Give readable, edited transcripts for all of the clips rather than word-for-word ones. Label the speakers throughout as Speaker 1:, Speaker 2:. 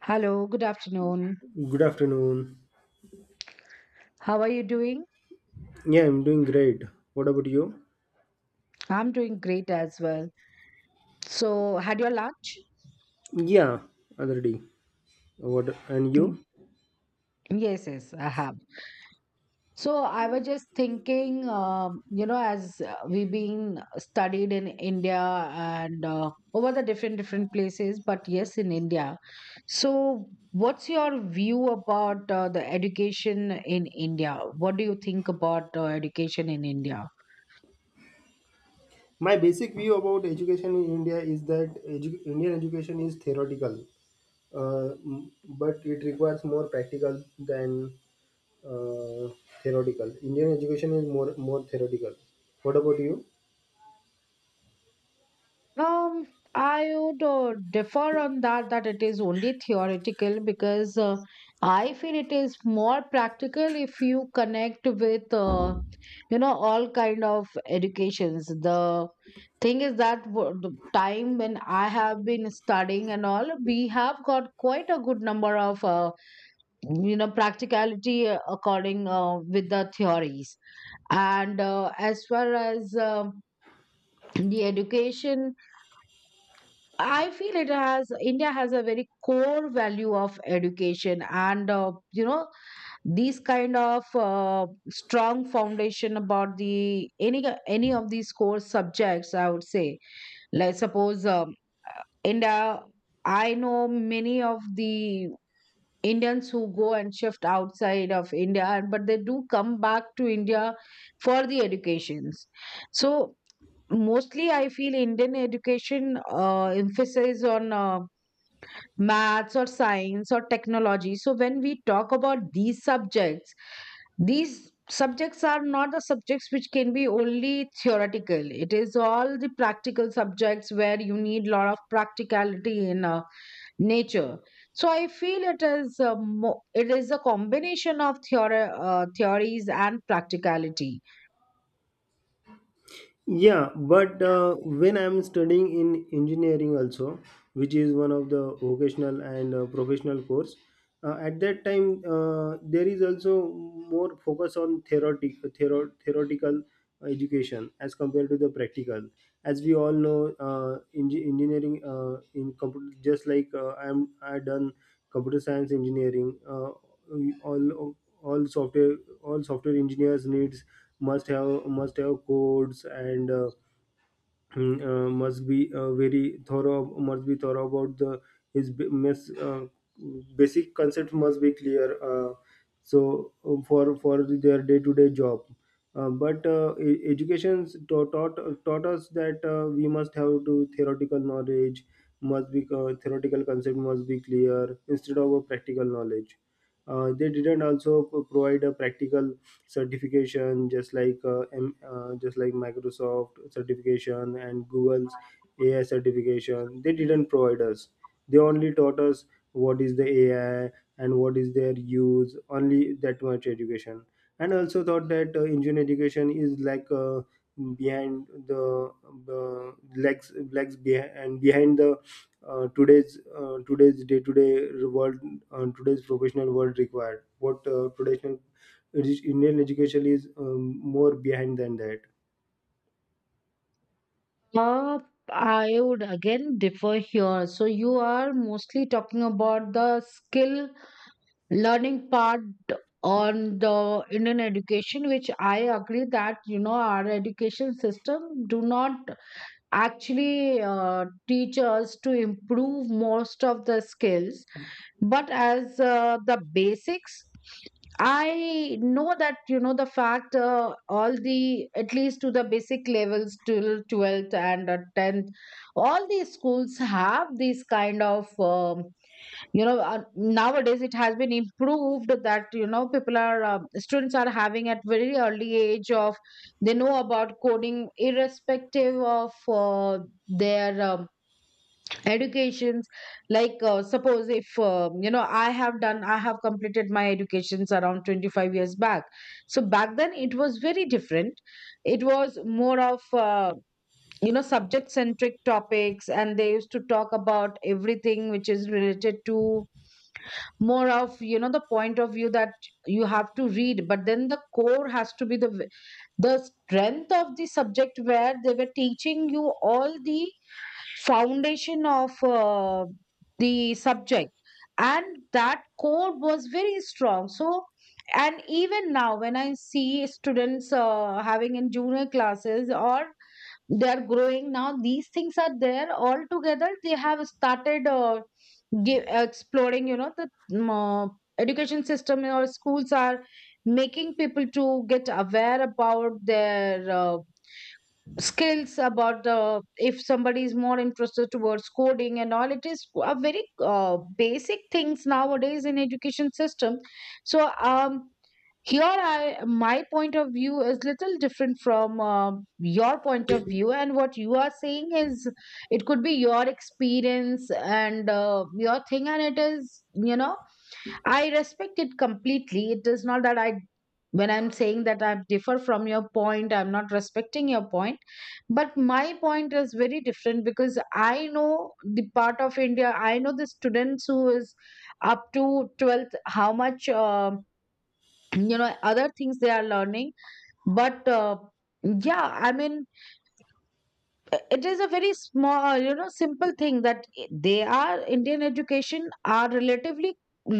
Speaker 1: Hello, good afternoon.
Speaker 2: Good afternoon.
Speaker 1: How are you doing?
Speaker 2: Yeah, I'm doing great. What about you?
Speaker 1: I'm doing great as well. So, had your lunch?
Speaker 2: Yeah, already. What and
Speaker 1: Mm,
Speaker 2: you?
Speaker 1: Yes, I have. So, I was just thinking, as we've been studied in India and over the different places, but yes, in India. So, what's your view about the education in India? What do you think about education in India?
Speaker 2: My basic view about education in India is that Indian education is theoretical, uh, m- but it requires more practical than uh, theoretical. Indian education is more theoretical. What about you?
Speaker 1: Um, I would differ on that, that it is only theoretical because I feel it is more practical if you connect with, all kind of educations. The thing is that the time when I have been studying and all, we have got quite a good number of, practicality according with the theories. And as far as the education, I feel it has India has a very core value of education, and these kind of strong foundation about the any of these core subjects. I would say, like suppose India, I know many of the Indians who go and shift outside of India, and but they do come back to India for the educations. So mostly, I feel Indian education emphasis on. Maths or science or technology. So when we talk about these subjects are not the subjects which can be only theoretical, it is all the practical subjects where you need lot of practicality in nature. So I feel it is a combination of theory theories and practicality.
Speaker 2: Yeah, but when I'm studying in engineering also, which is one of the vocational and professional course, at that time there is also more focus on theoretical education as compared to the practical. As we all know, engineering in computer, just like I done computer science engineering. We all software all software engineers needs must have codes and must be thorough about the his b- miss, uh, basic concepts must be clear so for their day to day job, education taught us that we must have to theoretical knowledge must be theoretical concept must be clear instead of a practical knowledge. They didn't also provide a practical certification just like just like Microsoft certification and Google's AI certification. They didn't provide us, they only taught us what is the AI and what is their use, only that much education. And also thought that engineering education is like behind the uh, legs behind and behind the today's day to day world. Today's professional world required what traditional Indian education is more behind than that.
Speaker 1: uh, I would again differ here. So you are mostly talking about the skill learning part on the Indian education, which I agree that, you know, our education system do not actually teach us to improve most of the skills, but as the basics, I know that, you know, the fact, all the, at least to the basic levels till 12th and 10th, all these schools have these kind of nowadays it has been improved that, you know, people are students are having at very early age of, they know about coding irrespective of their educations. Like suppose if I have completed my educations around 25 years back. So back then it was very different. It was more of subject centric topics, and they used to talk about everything which is related to, more of, you know, the point of view that you have to read, but then the core has to be the strength of the subject, where they were teaching you all the foundation of the subject, and that core was very strong. So, and even now when I see students having in junior classes, or they are growing now, these things are there. All together they have started exploring, you know, the um, uh, education system or schools are making people to get aware about their skills, about the, if somebody is more interested towards coding and all, it is a very basic things nowadays in education system. So here, I, my point of view is little different from your point of view, and what you are saying is, it could be your experience and your thing, and it is, you know, I respect it completely. It is not that I when I'm saying that I differ from your point I'm not respecting your point, but my point is very different because I know the part of India, I know the students who is up to 12th, how much you know other things they are learning. But yeah, I mean, it is a very small, you know, simple thing that, they are, Indian education are relatively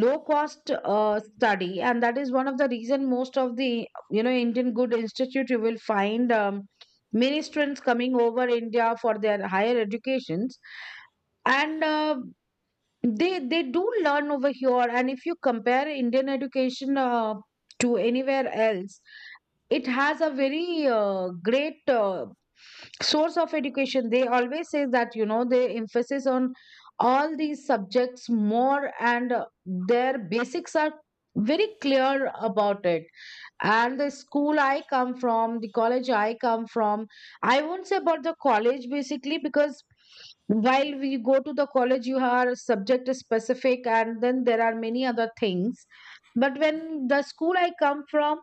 Speaker 1: low cost study, and that is one of the reason most of the, you know, Indian good institute you will find many students coming over India for their higher educations. And they do learn over here, and if you compare Indian education to anywhere else, it has a very great source of education. They always say that, you know, they emphasis on all these subjects more, and their basics are very clear about it. And the school I come from, the college I come from, I won't say about the college basically because while we go to the college you are subject specific, and then there are many other things, but when, the school I come from,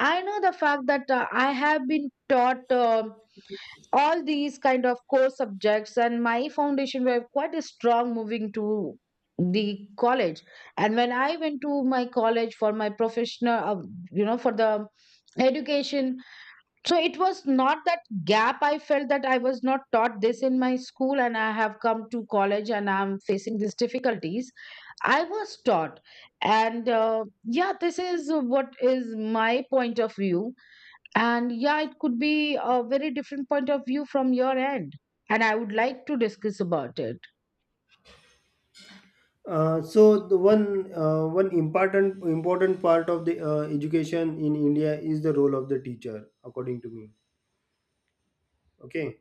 Speaker 1: I know the fact that I have been taught all these kind of core subjects, and my foundation were quite strong moving to the college. And when I went to my college for my professional, for the education, so it was not that gap. I felt that I was not taught this in my school, and I have come to college and I'm facing these difficulties. I was taught, and yeah, this is what is my point of view, and yeah, it could be a very different point of view from your end. And I would like to discuss about it.
Speaker 2: So the one important part of the education in India is the role of the teacher, according to me. Okay,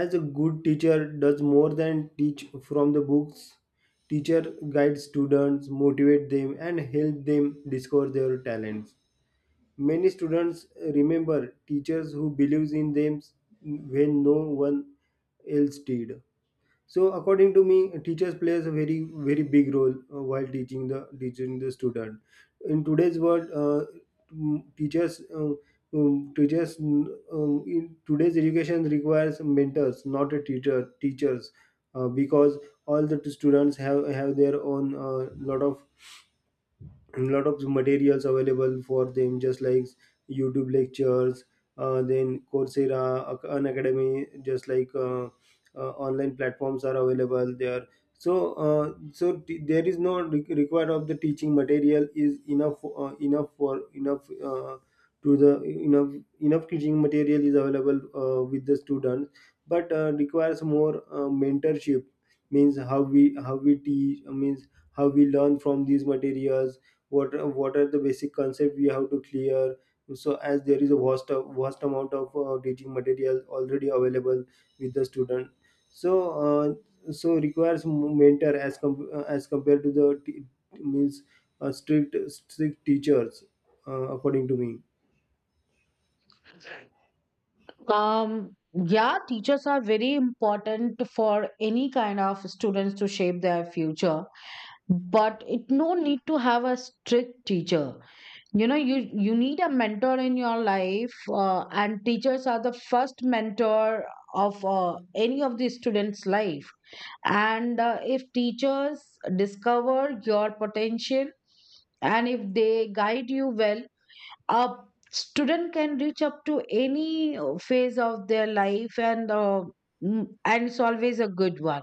Speaker 2: as a good teacher does more than teach from the books. Teacher guides students, motivate them, and help them discover their talents. Many students remember teachers who believes in them when no one else did. So according to me, teachers plays a very big role while teaching the student in today's world. Mm, teachers uh, in today's education requires mentors, not a teacher. Teachers because all the students have their own lot of materials available for them, just like YouTube lectures, then Coursera, an academy, just like online platforms are available there. So there is no required of the teaching material, is enough enough for enough to the enough enough teaching material is available with the student, but requires more mentorship. Means how we teach, means how we learn from these materials, what are the basic concept we have to clear. So as there is a vast amount of teaching material already available with the student, so uh, requires mentor as as compared to the means strict teachers, according to me.
Speaker 1: Yeah, teachers are very important for any kind of students to shape their future, but it no need to have a strict teacher. You know, you need a mentor in your life, and teachers are the first mentor of any of the students' life. And if teachers discover your potential and if they guide you well, a student can reach up to any phase of their life. And and it's always a good one.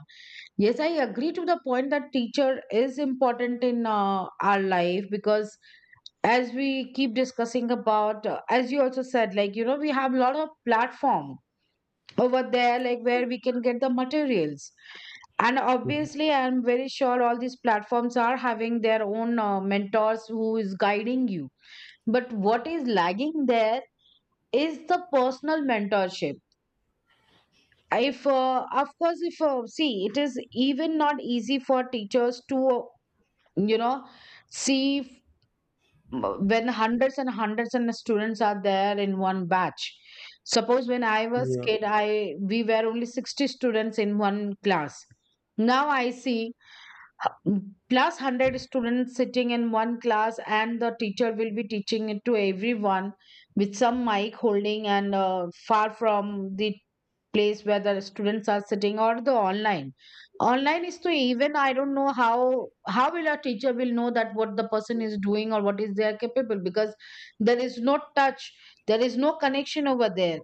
Speaker 1: Yes, I agree to the point that teacher is important in our life, because as we keep discussing about, as you also said, like, you know, we have a lot of platform over there, like where we can get the materials, and obviously I'm very sure all these platforms are having their own mentors who is guiding you. But what is lagging there is the personal mentorship. If of course, if see, it is even not easy for teachers to, you know see, when hundreds and hundreds and students are there in one batch. Suppose when I was
Speaker 2: Yeah.
Speaker 1: kid, I we were only 60 students in one class. Now I see 100 students sitting in one class, and the teacher will be teaching it to everyone with some mic holding, and far from the place where the students are sitting. Or the online, online is to, even I don't know how will a teacher will know that what the person is doing, or what is they are capable, because there is no touch, there is no connection over there.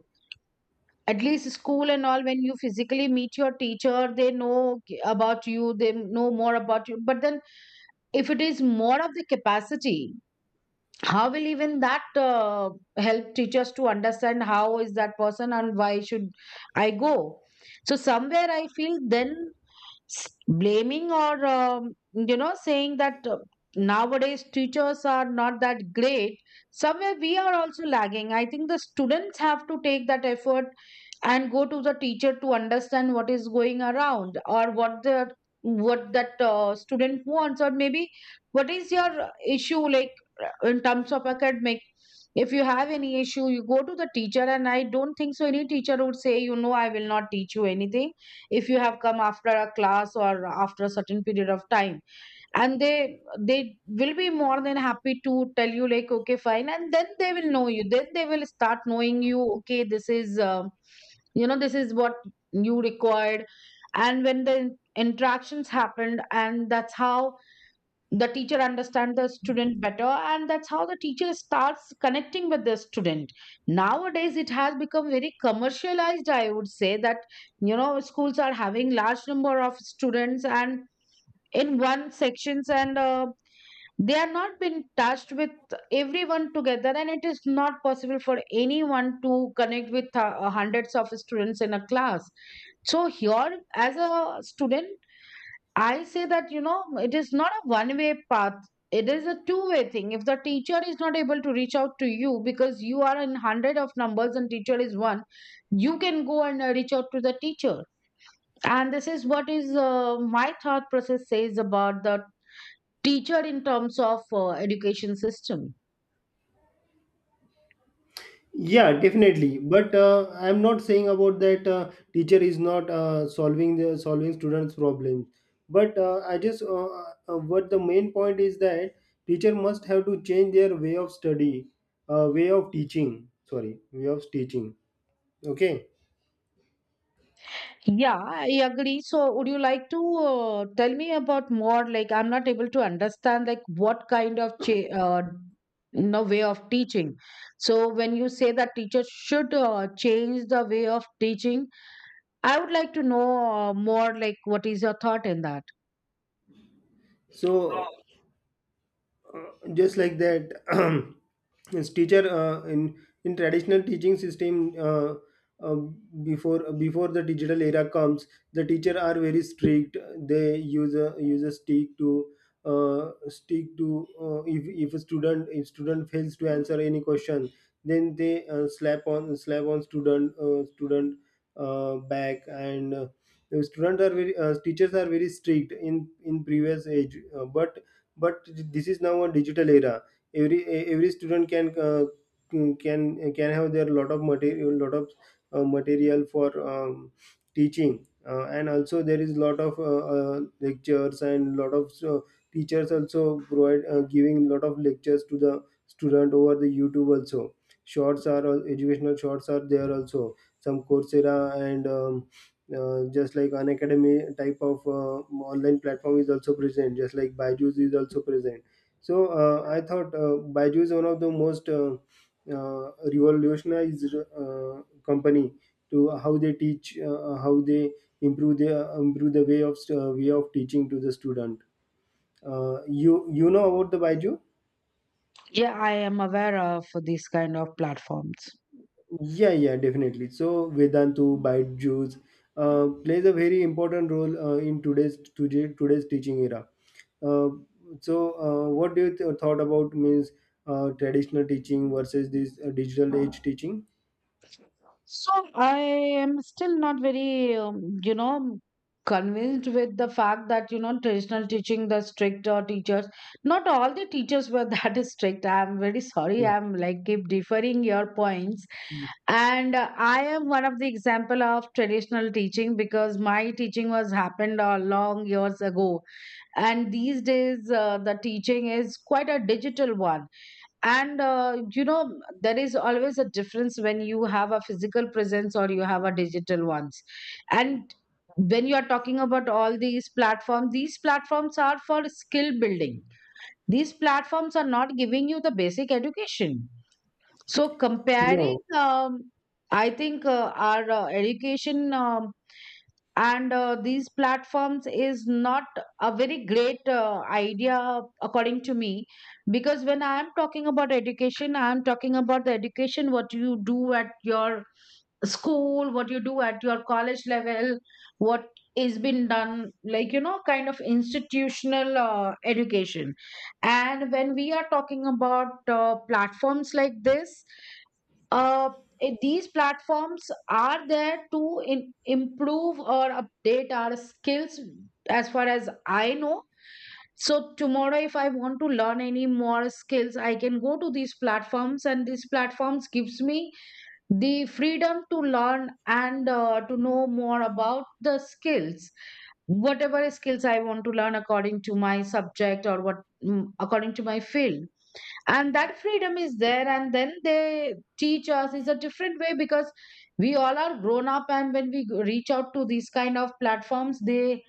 Speaker 1: At least school and all, when you physically meet your teacher, they know about you, they know more about you. But then, if it is more of the capacity, how will even that help teachers to understand how is that person, and why should I go? So somewhere I feel then, blaming or, you know, saying that, nowadays teachers are not that great, somewhere we are also lagging. I think the students have to take that effort and go to the teacher to understand what is going around, or what the, what that student wants, or maybe what is your issue. Like, in terms of academic, if you have any issue, you go to the teacher, and I don't think so any teacher would say, you know, I will not teach you anything. If you have come after a class or after a certain period of time, and they will be more than happy to tell you, like, okay, fine, and then they will know you, then they will start knowing you, okay, this is you know, this is what you required. And when the interactions happened, and that's how the teacher understand the student better, and that's how the teacher starts connecting with the student. Nowadays it has become very commercialized, I would say, that, you know, schools are having large number of students and in one sections, and they are not been touched with everyone together, and it is not possible for anyone to connect with hundreds of students in a class. So here, as a student, I say that, you know, it is not a one way path. It is a two-way thing. If the teacher is not able to reach out to you because you are in 100 of numbers and teacher is one, you can go and reach out to the teacher. And this is what is my thought process says about the teacher in terms of education system.
Speaker 2: Yeah, definitely. But I'm not saying about that teacher is not solving students' problems. But I just what the main point is that teacher must have to change their way of teaching. Sorry, way of teaching. Okay.
Speaker 1: Yeah, I agree. So, would you like to tell me about more? Like, I'm not able to understand like what kind of cha- no way of teaching. So, when you say that teachers should change the way of teaching, I would like to know more. Like, what is your thought in that?
Speaker 2: So just like that his teacher in traditional teaching system, uh, before the digital era comes, the teacher are very strict. They use a stick to uh, stick to uh, if, if a student, if student fails to answer any question, then they slap on student back. And the students are very teachers are very strict in previous age, but this is now a digital era. Every student can can have their lot of material, lot of material for teaching. And also there is lot of lectures and lot of teachers also provide giving lot of lectures to the student over the YouTube also. Shorts are educational shorts are there also, some Coursera and just like an academy type of online platform is also present, just like Byju's is also present. So I thought Byju is one of the most revolutionized company to how they teach, how they improve the way of teaching to the student. You know about the Byju?
Speaker 1: Yeah, I am aware of these kind of platforms.
Speaker 2: Yeah, yeah, definitely. So Vedantu, Byju's plays a very important role today's teaching era. Uh, what do you thought about means traditional teaching versus this digital age teaching?
Speaker 1: So I am still not very, convinced with the fact that, you know, traditional teaching, the stricter teachers, not all the teachers were that strict. I'm very sorry. I'm like keep deferring your points.
Speaker 2: Mm.
Speaker 1: And I am one of the example of traditional teaching because my teaching was happened a long years ago. And these days, the teaching is quite a digital one, and you know there is always a difference when you have a physical presence or you have a digital ones. And when you are talking about all these platforms, these platforms are for skill building. These platforms are not giving you the basic education. So
Speaker 2: No.
Speaker 1: comparing, I think our education, and these platforms is not a very great idea according to me. Because when I am talking about education, I am talking about the education what you do at your school, what you do at your college level, what is been done, like, you know, kind of institutional education. And when we are talking about platforms like this, uh, these platforms are there to improve or update our skills, as far as I know. So tomorrow if I want to learn any more skills, I can go to these platforms and these platforms gives me the freedom to learn and to know more about the skills, whatever skills I want to learn according to my subject, or what, mm, according to my field. And that freedom is there, and then they teach us is a different way. Because we all are grown up, and when we reach out to these kind of platforms, they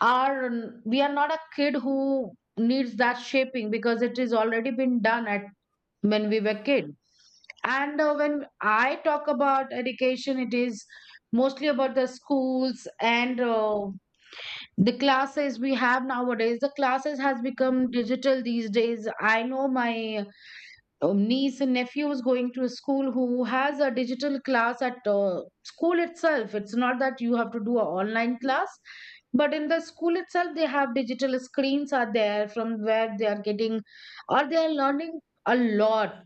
Speaker 1: are, we are not a kid who needs that shaping because it is already been done at when we were kid. And when I talk about education, it is mostly about the schools. And the classes we have nowadays, the classes has become digital these days. I know my niece and nephew was going to a school who has a digital class at school itself. It's not that you have to do an online class, but in the school itself, they have digital screens are there from where they are getting or they are learning a lot.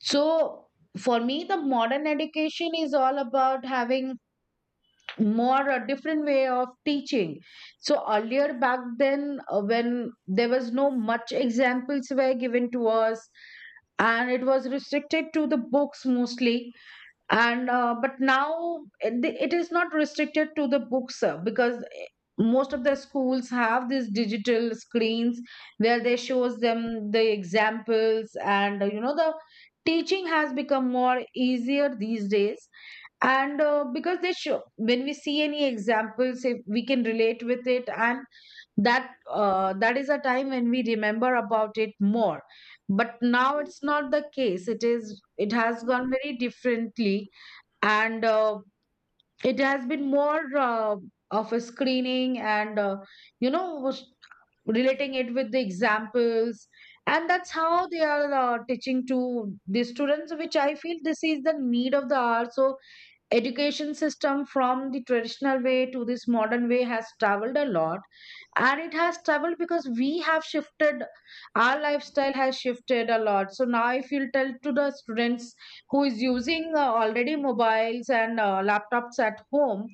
Speaker 1: So for me, the modern education is all about having more a different way of teaching. So earlier back then, when there was no much examples were given to us, and it was restricted to the books mostly. And but now it is not restricted to the books because most of the schools have these digital screens where they shows them the examples. And you know, the teaching has become more easier these days. And because they show, when we see any examples, if we can relate with it, and that is a time when we remember about it more. But now it's not the case, it is, it has gone very differently. And it has been more of a screening. And you know, was relating it with the examples, and that's how they are teaching to the students, which I feel this is the need of the hour. So education system from the traditional way to this modern way has traveled a lot, and it has traveled because we have shifted. Our lifestyle has shifted a lot. So now if you'll tell to the students who is using already mobiles and laptops at home,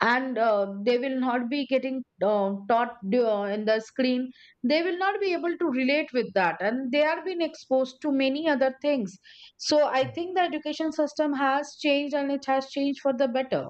Speaker 1: and they will not be getting taught in the screen, they will not be able to relate with that, and they are being exposed to many other things. So I think the education system has changed, and it has changed for the better.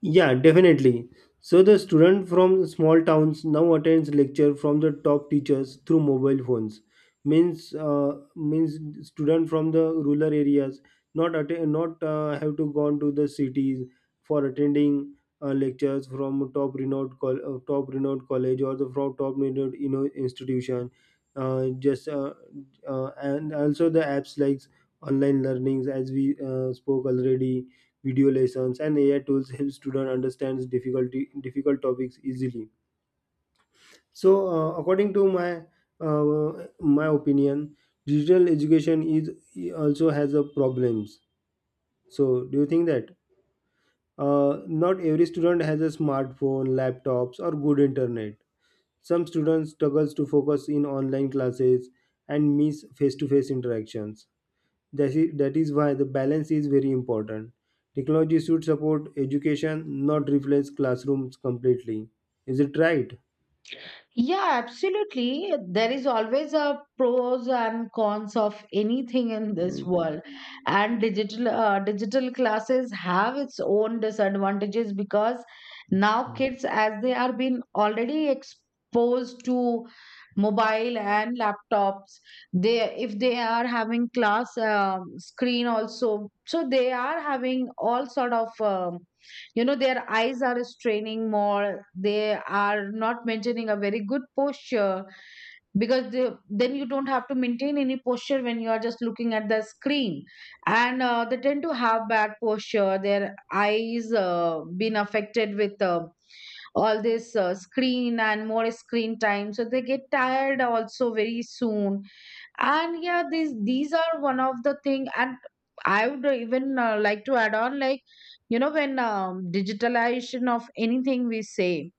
Speaker 2: Yeah, definitely. So the student from small towns now attends lecture from the top teachers through mobile phones. Means student from the rural areas not have to go to the cities for attending lectures from top renowned top renowned college or the from top renowned, you know, institution. Just and also the apps like online learnings, as we spoke already, video lessons and AI tools help students understand difficult topics easily. So according to my uh, my opinion, digital education is also has a problems. So do you think that uh, not every student has a smartphone, laptops, or good internet? Some students struggles to focus in online classes and miss face-to-face interactions. That is why the balance is very important. Technology should support education, not replace classrooms completely. Is it right?
Speaker 1: Yeah, absolutely. There is always a pros and cons of anything in this
Speaker 2: Right.
Speaker 1: world. And digital classes have its own disadvantages. Because now
Speaker 2: Mm.
Speaker 1: kids, as they are being already exposed to mobile and laptops, they if they are having class, screen also, so they are having all sort of, um, you know, their eyes are straining more. They are not maintaining a very good posture, because they, then you don't have to maintain any posture when you are just looking at the screen. And they tend to have bad posture, their eyes been affected with all this screen and more screen time, so they get tired also very soon. And yeah, these are one of the thing. And I would even like to add on, like, you know, when, digitalization of anything we say,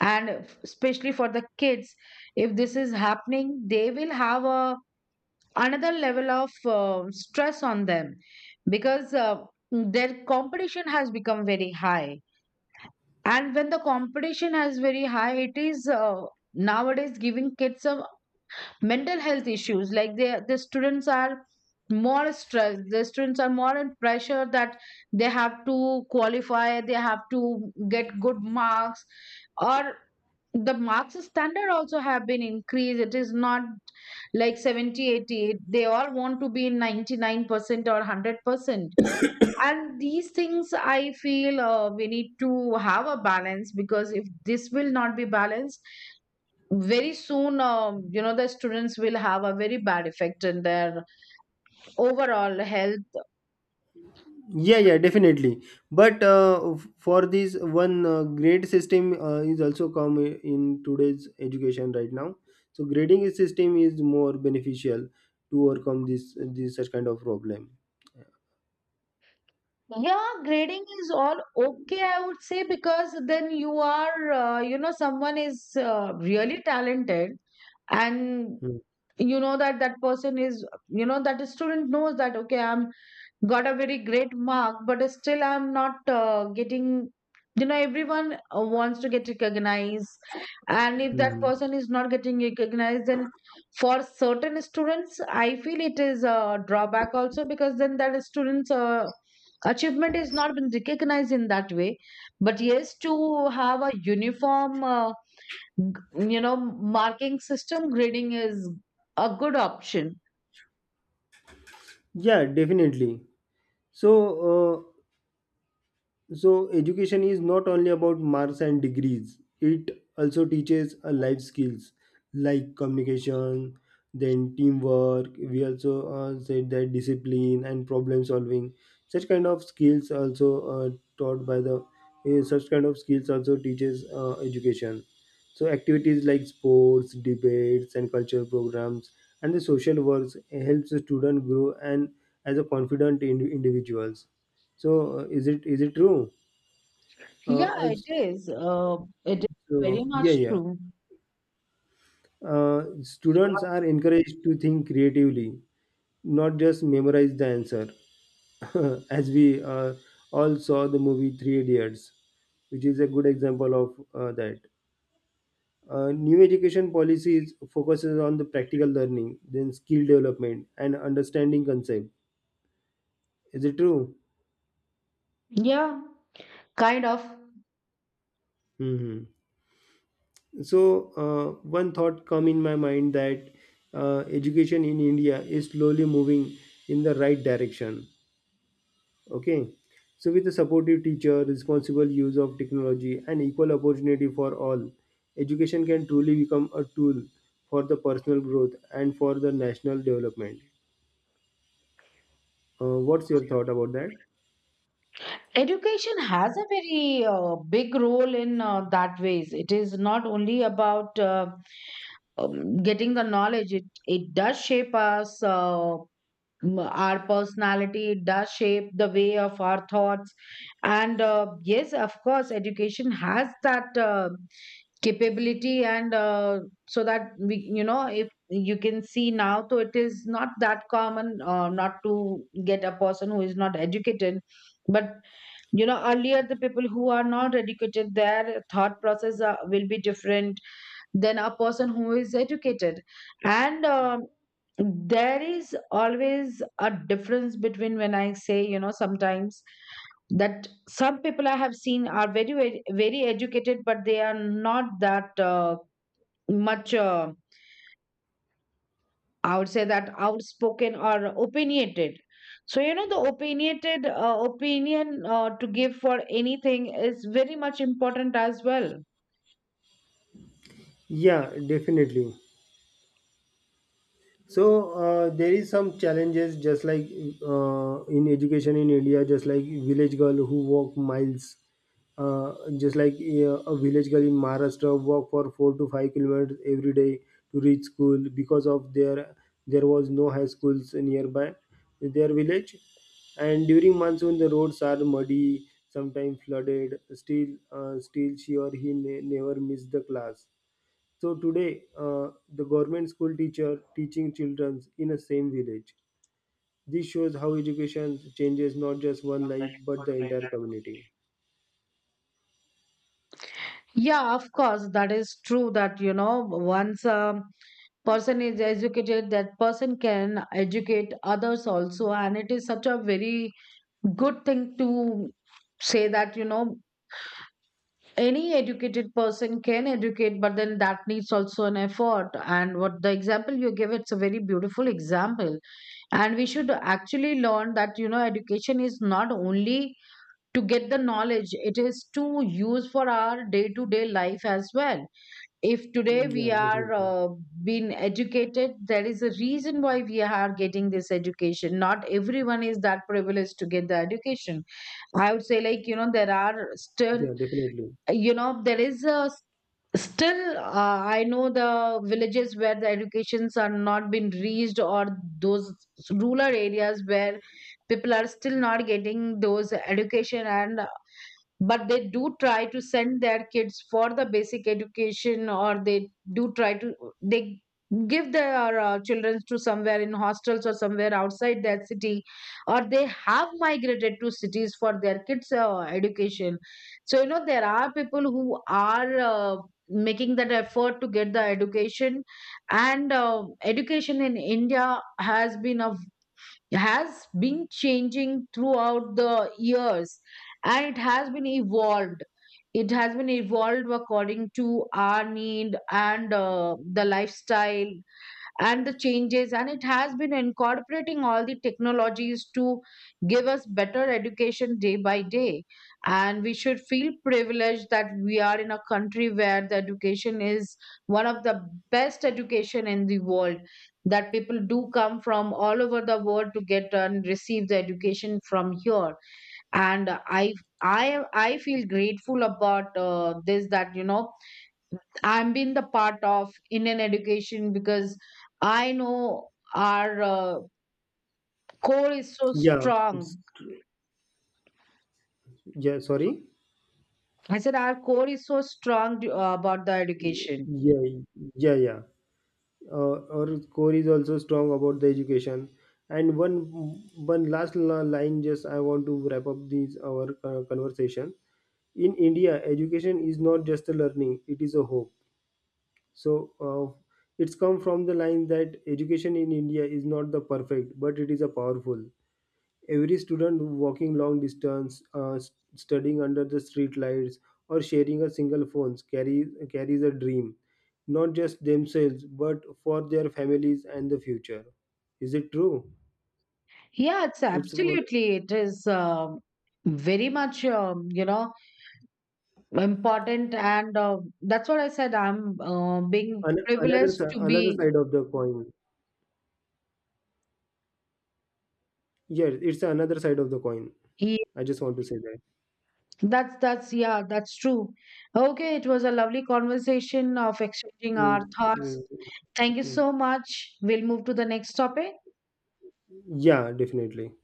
Speaker 1: and especially for the kids, if this is happening, they will have a another level of stress on them. Because their competition has become very high, and when the competition is very high, it is nowadays giving kids a mental health issues. Like, they, the students are more stressed, the students are more in pressure that they have to qualify, they have to get good marks. Or the marks standard also have been increased. It is not like 70, 80. They all want to be in 99% or 100%. And these things I feel we need to have a balance, because if this will not be balanced very soon, you know, the students will have a very bad effect in their overall health.
Speaker 2: Yeah, yeah, definitely. But for this one grade system is also come in today's education right now. So grading system is more beneficial to overcome this such kind of problem.
Speaker 1: Yeah, grading is all okay, I would say, because then you are you know, someone is really talented. And
Speaker 2: Mm.
Speaker 1: you know that, that person is, you know, that student knows that, okay, I'm got a very great mark but still I'm not getting, you know, everyone wants to get recognized. And if that
Speaker 2: Mm.
Speaker 1: person is not getting recognized, then for certain students I feel it is a drawback also, because then that student's achievement is not been recognized in that way. But yes, to have a uniform you know, marking system, grading is a good option.
Speaker 2: Yeah, definitely. So uh, So education is not only about marks and degrees, it also teaches life skills like communication, then teamwork. We also said that discipline and problem solving. Such kind of skills also taught by the, eh, such kind of skills also teaches education. So activities like sports, debates, and cultural programs and the social works helps the student grow and as a confident individuals. So, is it true? Uh,
Speaker 1: Yeah,
Speaker 2: uh,
Speaker 1: it is. It is very
Speaker 2: so
Speaker 1: much
Speaker 2: yeah, yeah.
Speaker 1: true.
Speaker 2: Students are encouraged to think creatively, not just memorize the answer. As we all saw the movie Three Idiots, which is a good example of that. New education policies focuses on the practical learning, then skill development, and understanding concept. Is it true?
Speaker 1: Yeah, kind of.
Speaker 2: Hmm. So one thought come in my mind, that education in India is slowly moving in the right direction. Okay. So with a supportive teacher, responsible use of technology and equal opportunity for all, education can truly become a tool for the personal growth and for the national development. What's your thought about that?
Speaker 1: Education has a very big role in that ways. It is not only about, getting the knowledge. It does shape us, our personality. It does shape the way of our thoughts. And yes, of course, education has that capability. And so that we, you know, if you can see now, so it is not that common not to get a person who is not educated. But you know, earlier, the people who are not educated, their thought process will be different than a person who is educated. And, um, there is always a difference between, when I say, you know, sometimes that some people I have seen are very very very educated, but they are not that much, I would say, that outspoken or opinionated. So you know, the opinionated opinion to give for anything is very much important as well.
Speaker 2: Yeah, definitely. So there is some challenges, just like in education in India, just like village girl who walk miles, uh, just like a village girl in Maharashtra walk for 4 to 5 kilometers every day to reach school because of their, there was no high schools nearby their village. And during monsoon the roads are muddy, sometimes flooded, still she or he never miss the class. So today, the government school teacher teaching children in a same village. This shows how education changes not just one life but the entire community.
Speaker 1: Yeah, of course that is true, that you know, once, person is educated, that person can educate others also. And it is such a very good thing to say that, you know, any educated person can educate, but then that needs also an effort. And what the example you give, it's a very beautiful example. And we should actually learn that, you know, education is not only to get the knowledge, it is to use for our day to day life as well. If today we
Speaker 2: Yeah,
Speaker 1: are
Speaker 2: definitely.
Speaker 1: being educated, there is a reason why we are getting this education. Not everyone is that privileged to get the education. I would say, like, you know, there are still,
Speaker 2: Yeah, definitely.
Speaker 1: you know, there is a still I know the villages where the educations are not been reached, or those rural areas where people are still not getting those education. And but they do try to send their kids for the basic education, or they do try to, they give their children to somewhere in hostels or somewhere outside their city, or they have migrated to cities for their kids education. So you know, there are people who are making that effort to get the education. And education in India has been a, has been changing throughout the years. And it has been evolved, it has been evolved according to our need and the lifestyle and the changes. And it has been incorporating all the technologies to give us better education day by day. And we should feel privileged that we are in a country where the education is one of the best education in the world, that people do come from all over the world to get and receive the education from here. And I feel grateful about this, that you know, I've been the part of Indian education, because I know our core is so
Speaker 2: Yeah, it's,
Speaker 1: strong.
Speaker 2: yeah. Sorry.
Speaker 1: I said our core is so strong, about the education.
Speaker 2: Yeah, yeah, yeah. Our core is also strong about the education. And one line, just I want to wrap up this our conversation. In India, education is not just a learning; it is a hope. So it's come from the line that education in India is not the perfect, but it is a powerful. Every student walking long distance, studying under the street lights or sharing a single phone, carries a dream, not just themselves but for their families and the future. Is it true?
Speaker 1: Yeah, it's
Speaker 2: It's one-
Speaker 1: absolutely. It is, very much, you know, important. And that's what I said. I'm being
Speaker 2: an- another
Speaker 1: privileged
Speaker 2: si-
Speaker 1: to
Speaker 2: another
Speaker 1: be.
Speaker 2: side of the coin. Yeah, it's another side of the coin. I just want to say that.
Speaker 1: That's yeah, that's true. Okay, it was a lovely conversation of exchanging our
Speaker 2: Mm,
Speaker 1: thoughts.
Speaker 2: mm, mm.
Speaker 1: Thank you
Speaker 2: Mm.
Speaker 1: so much. We'll move to the next topic.
Speaker 2: Yeah, definitely.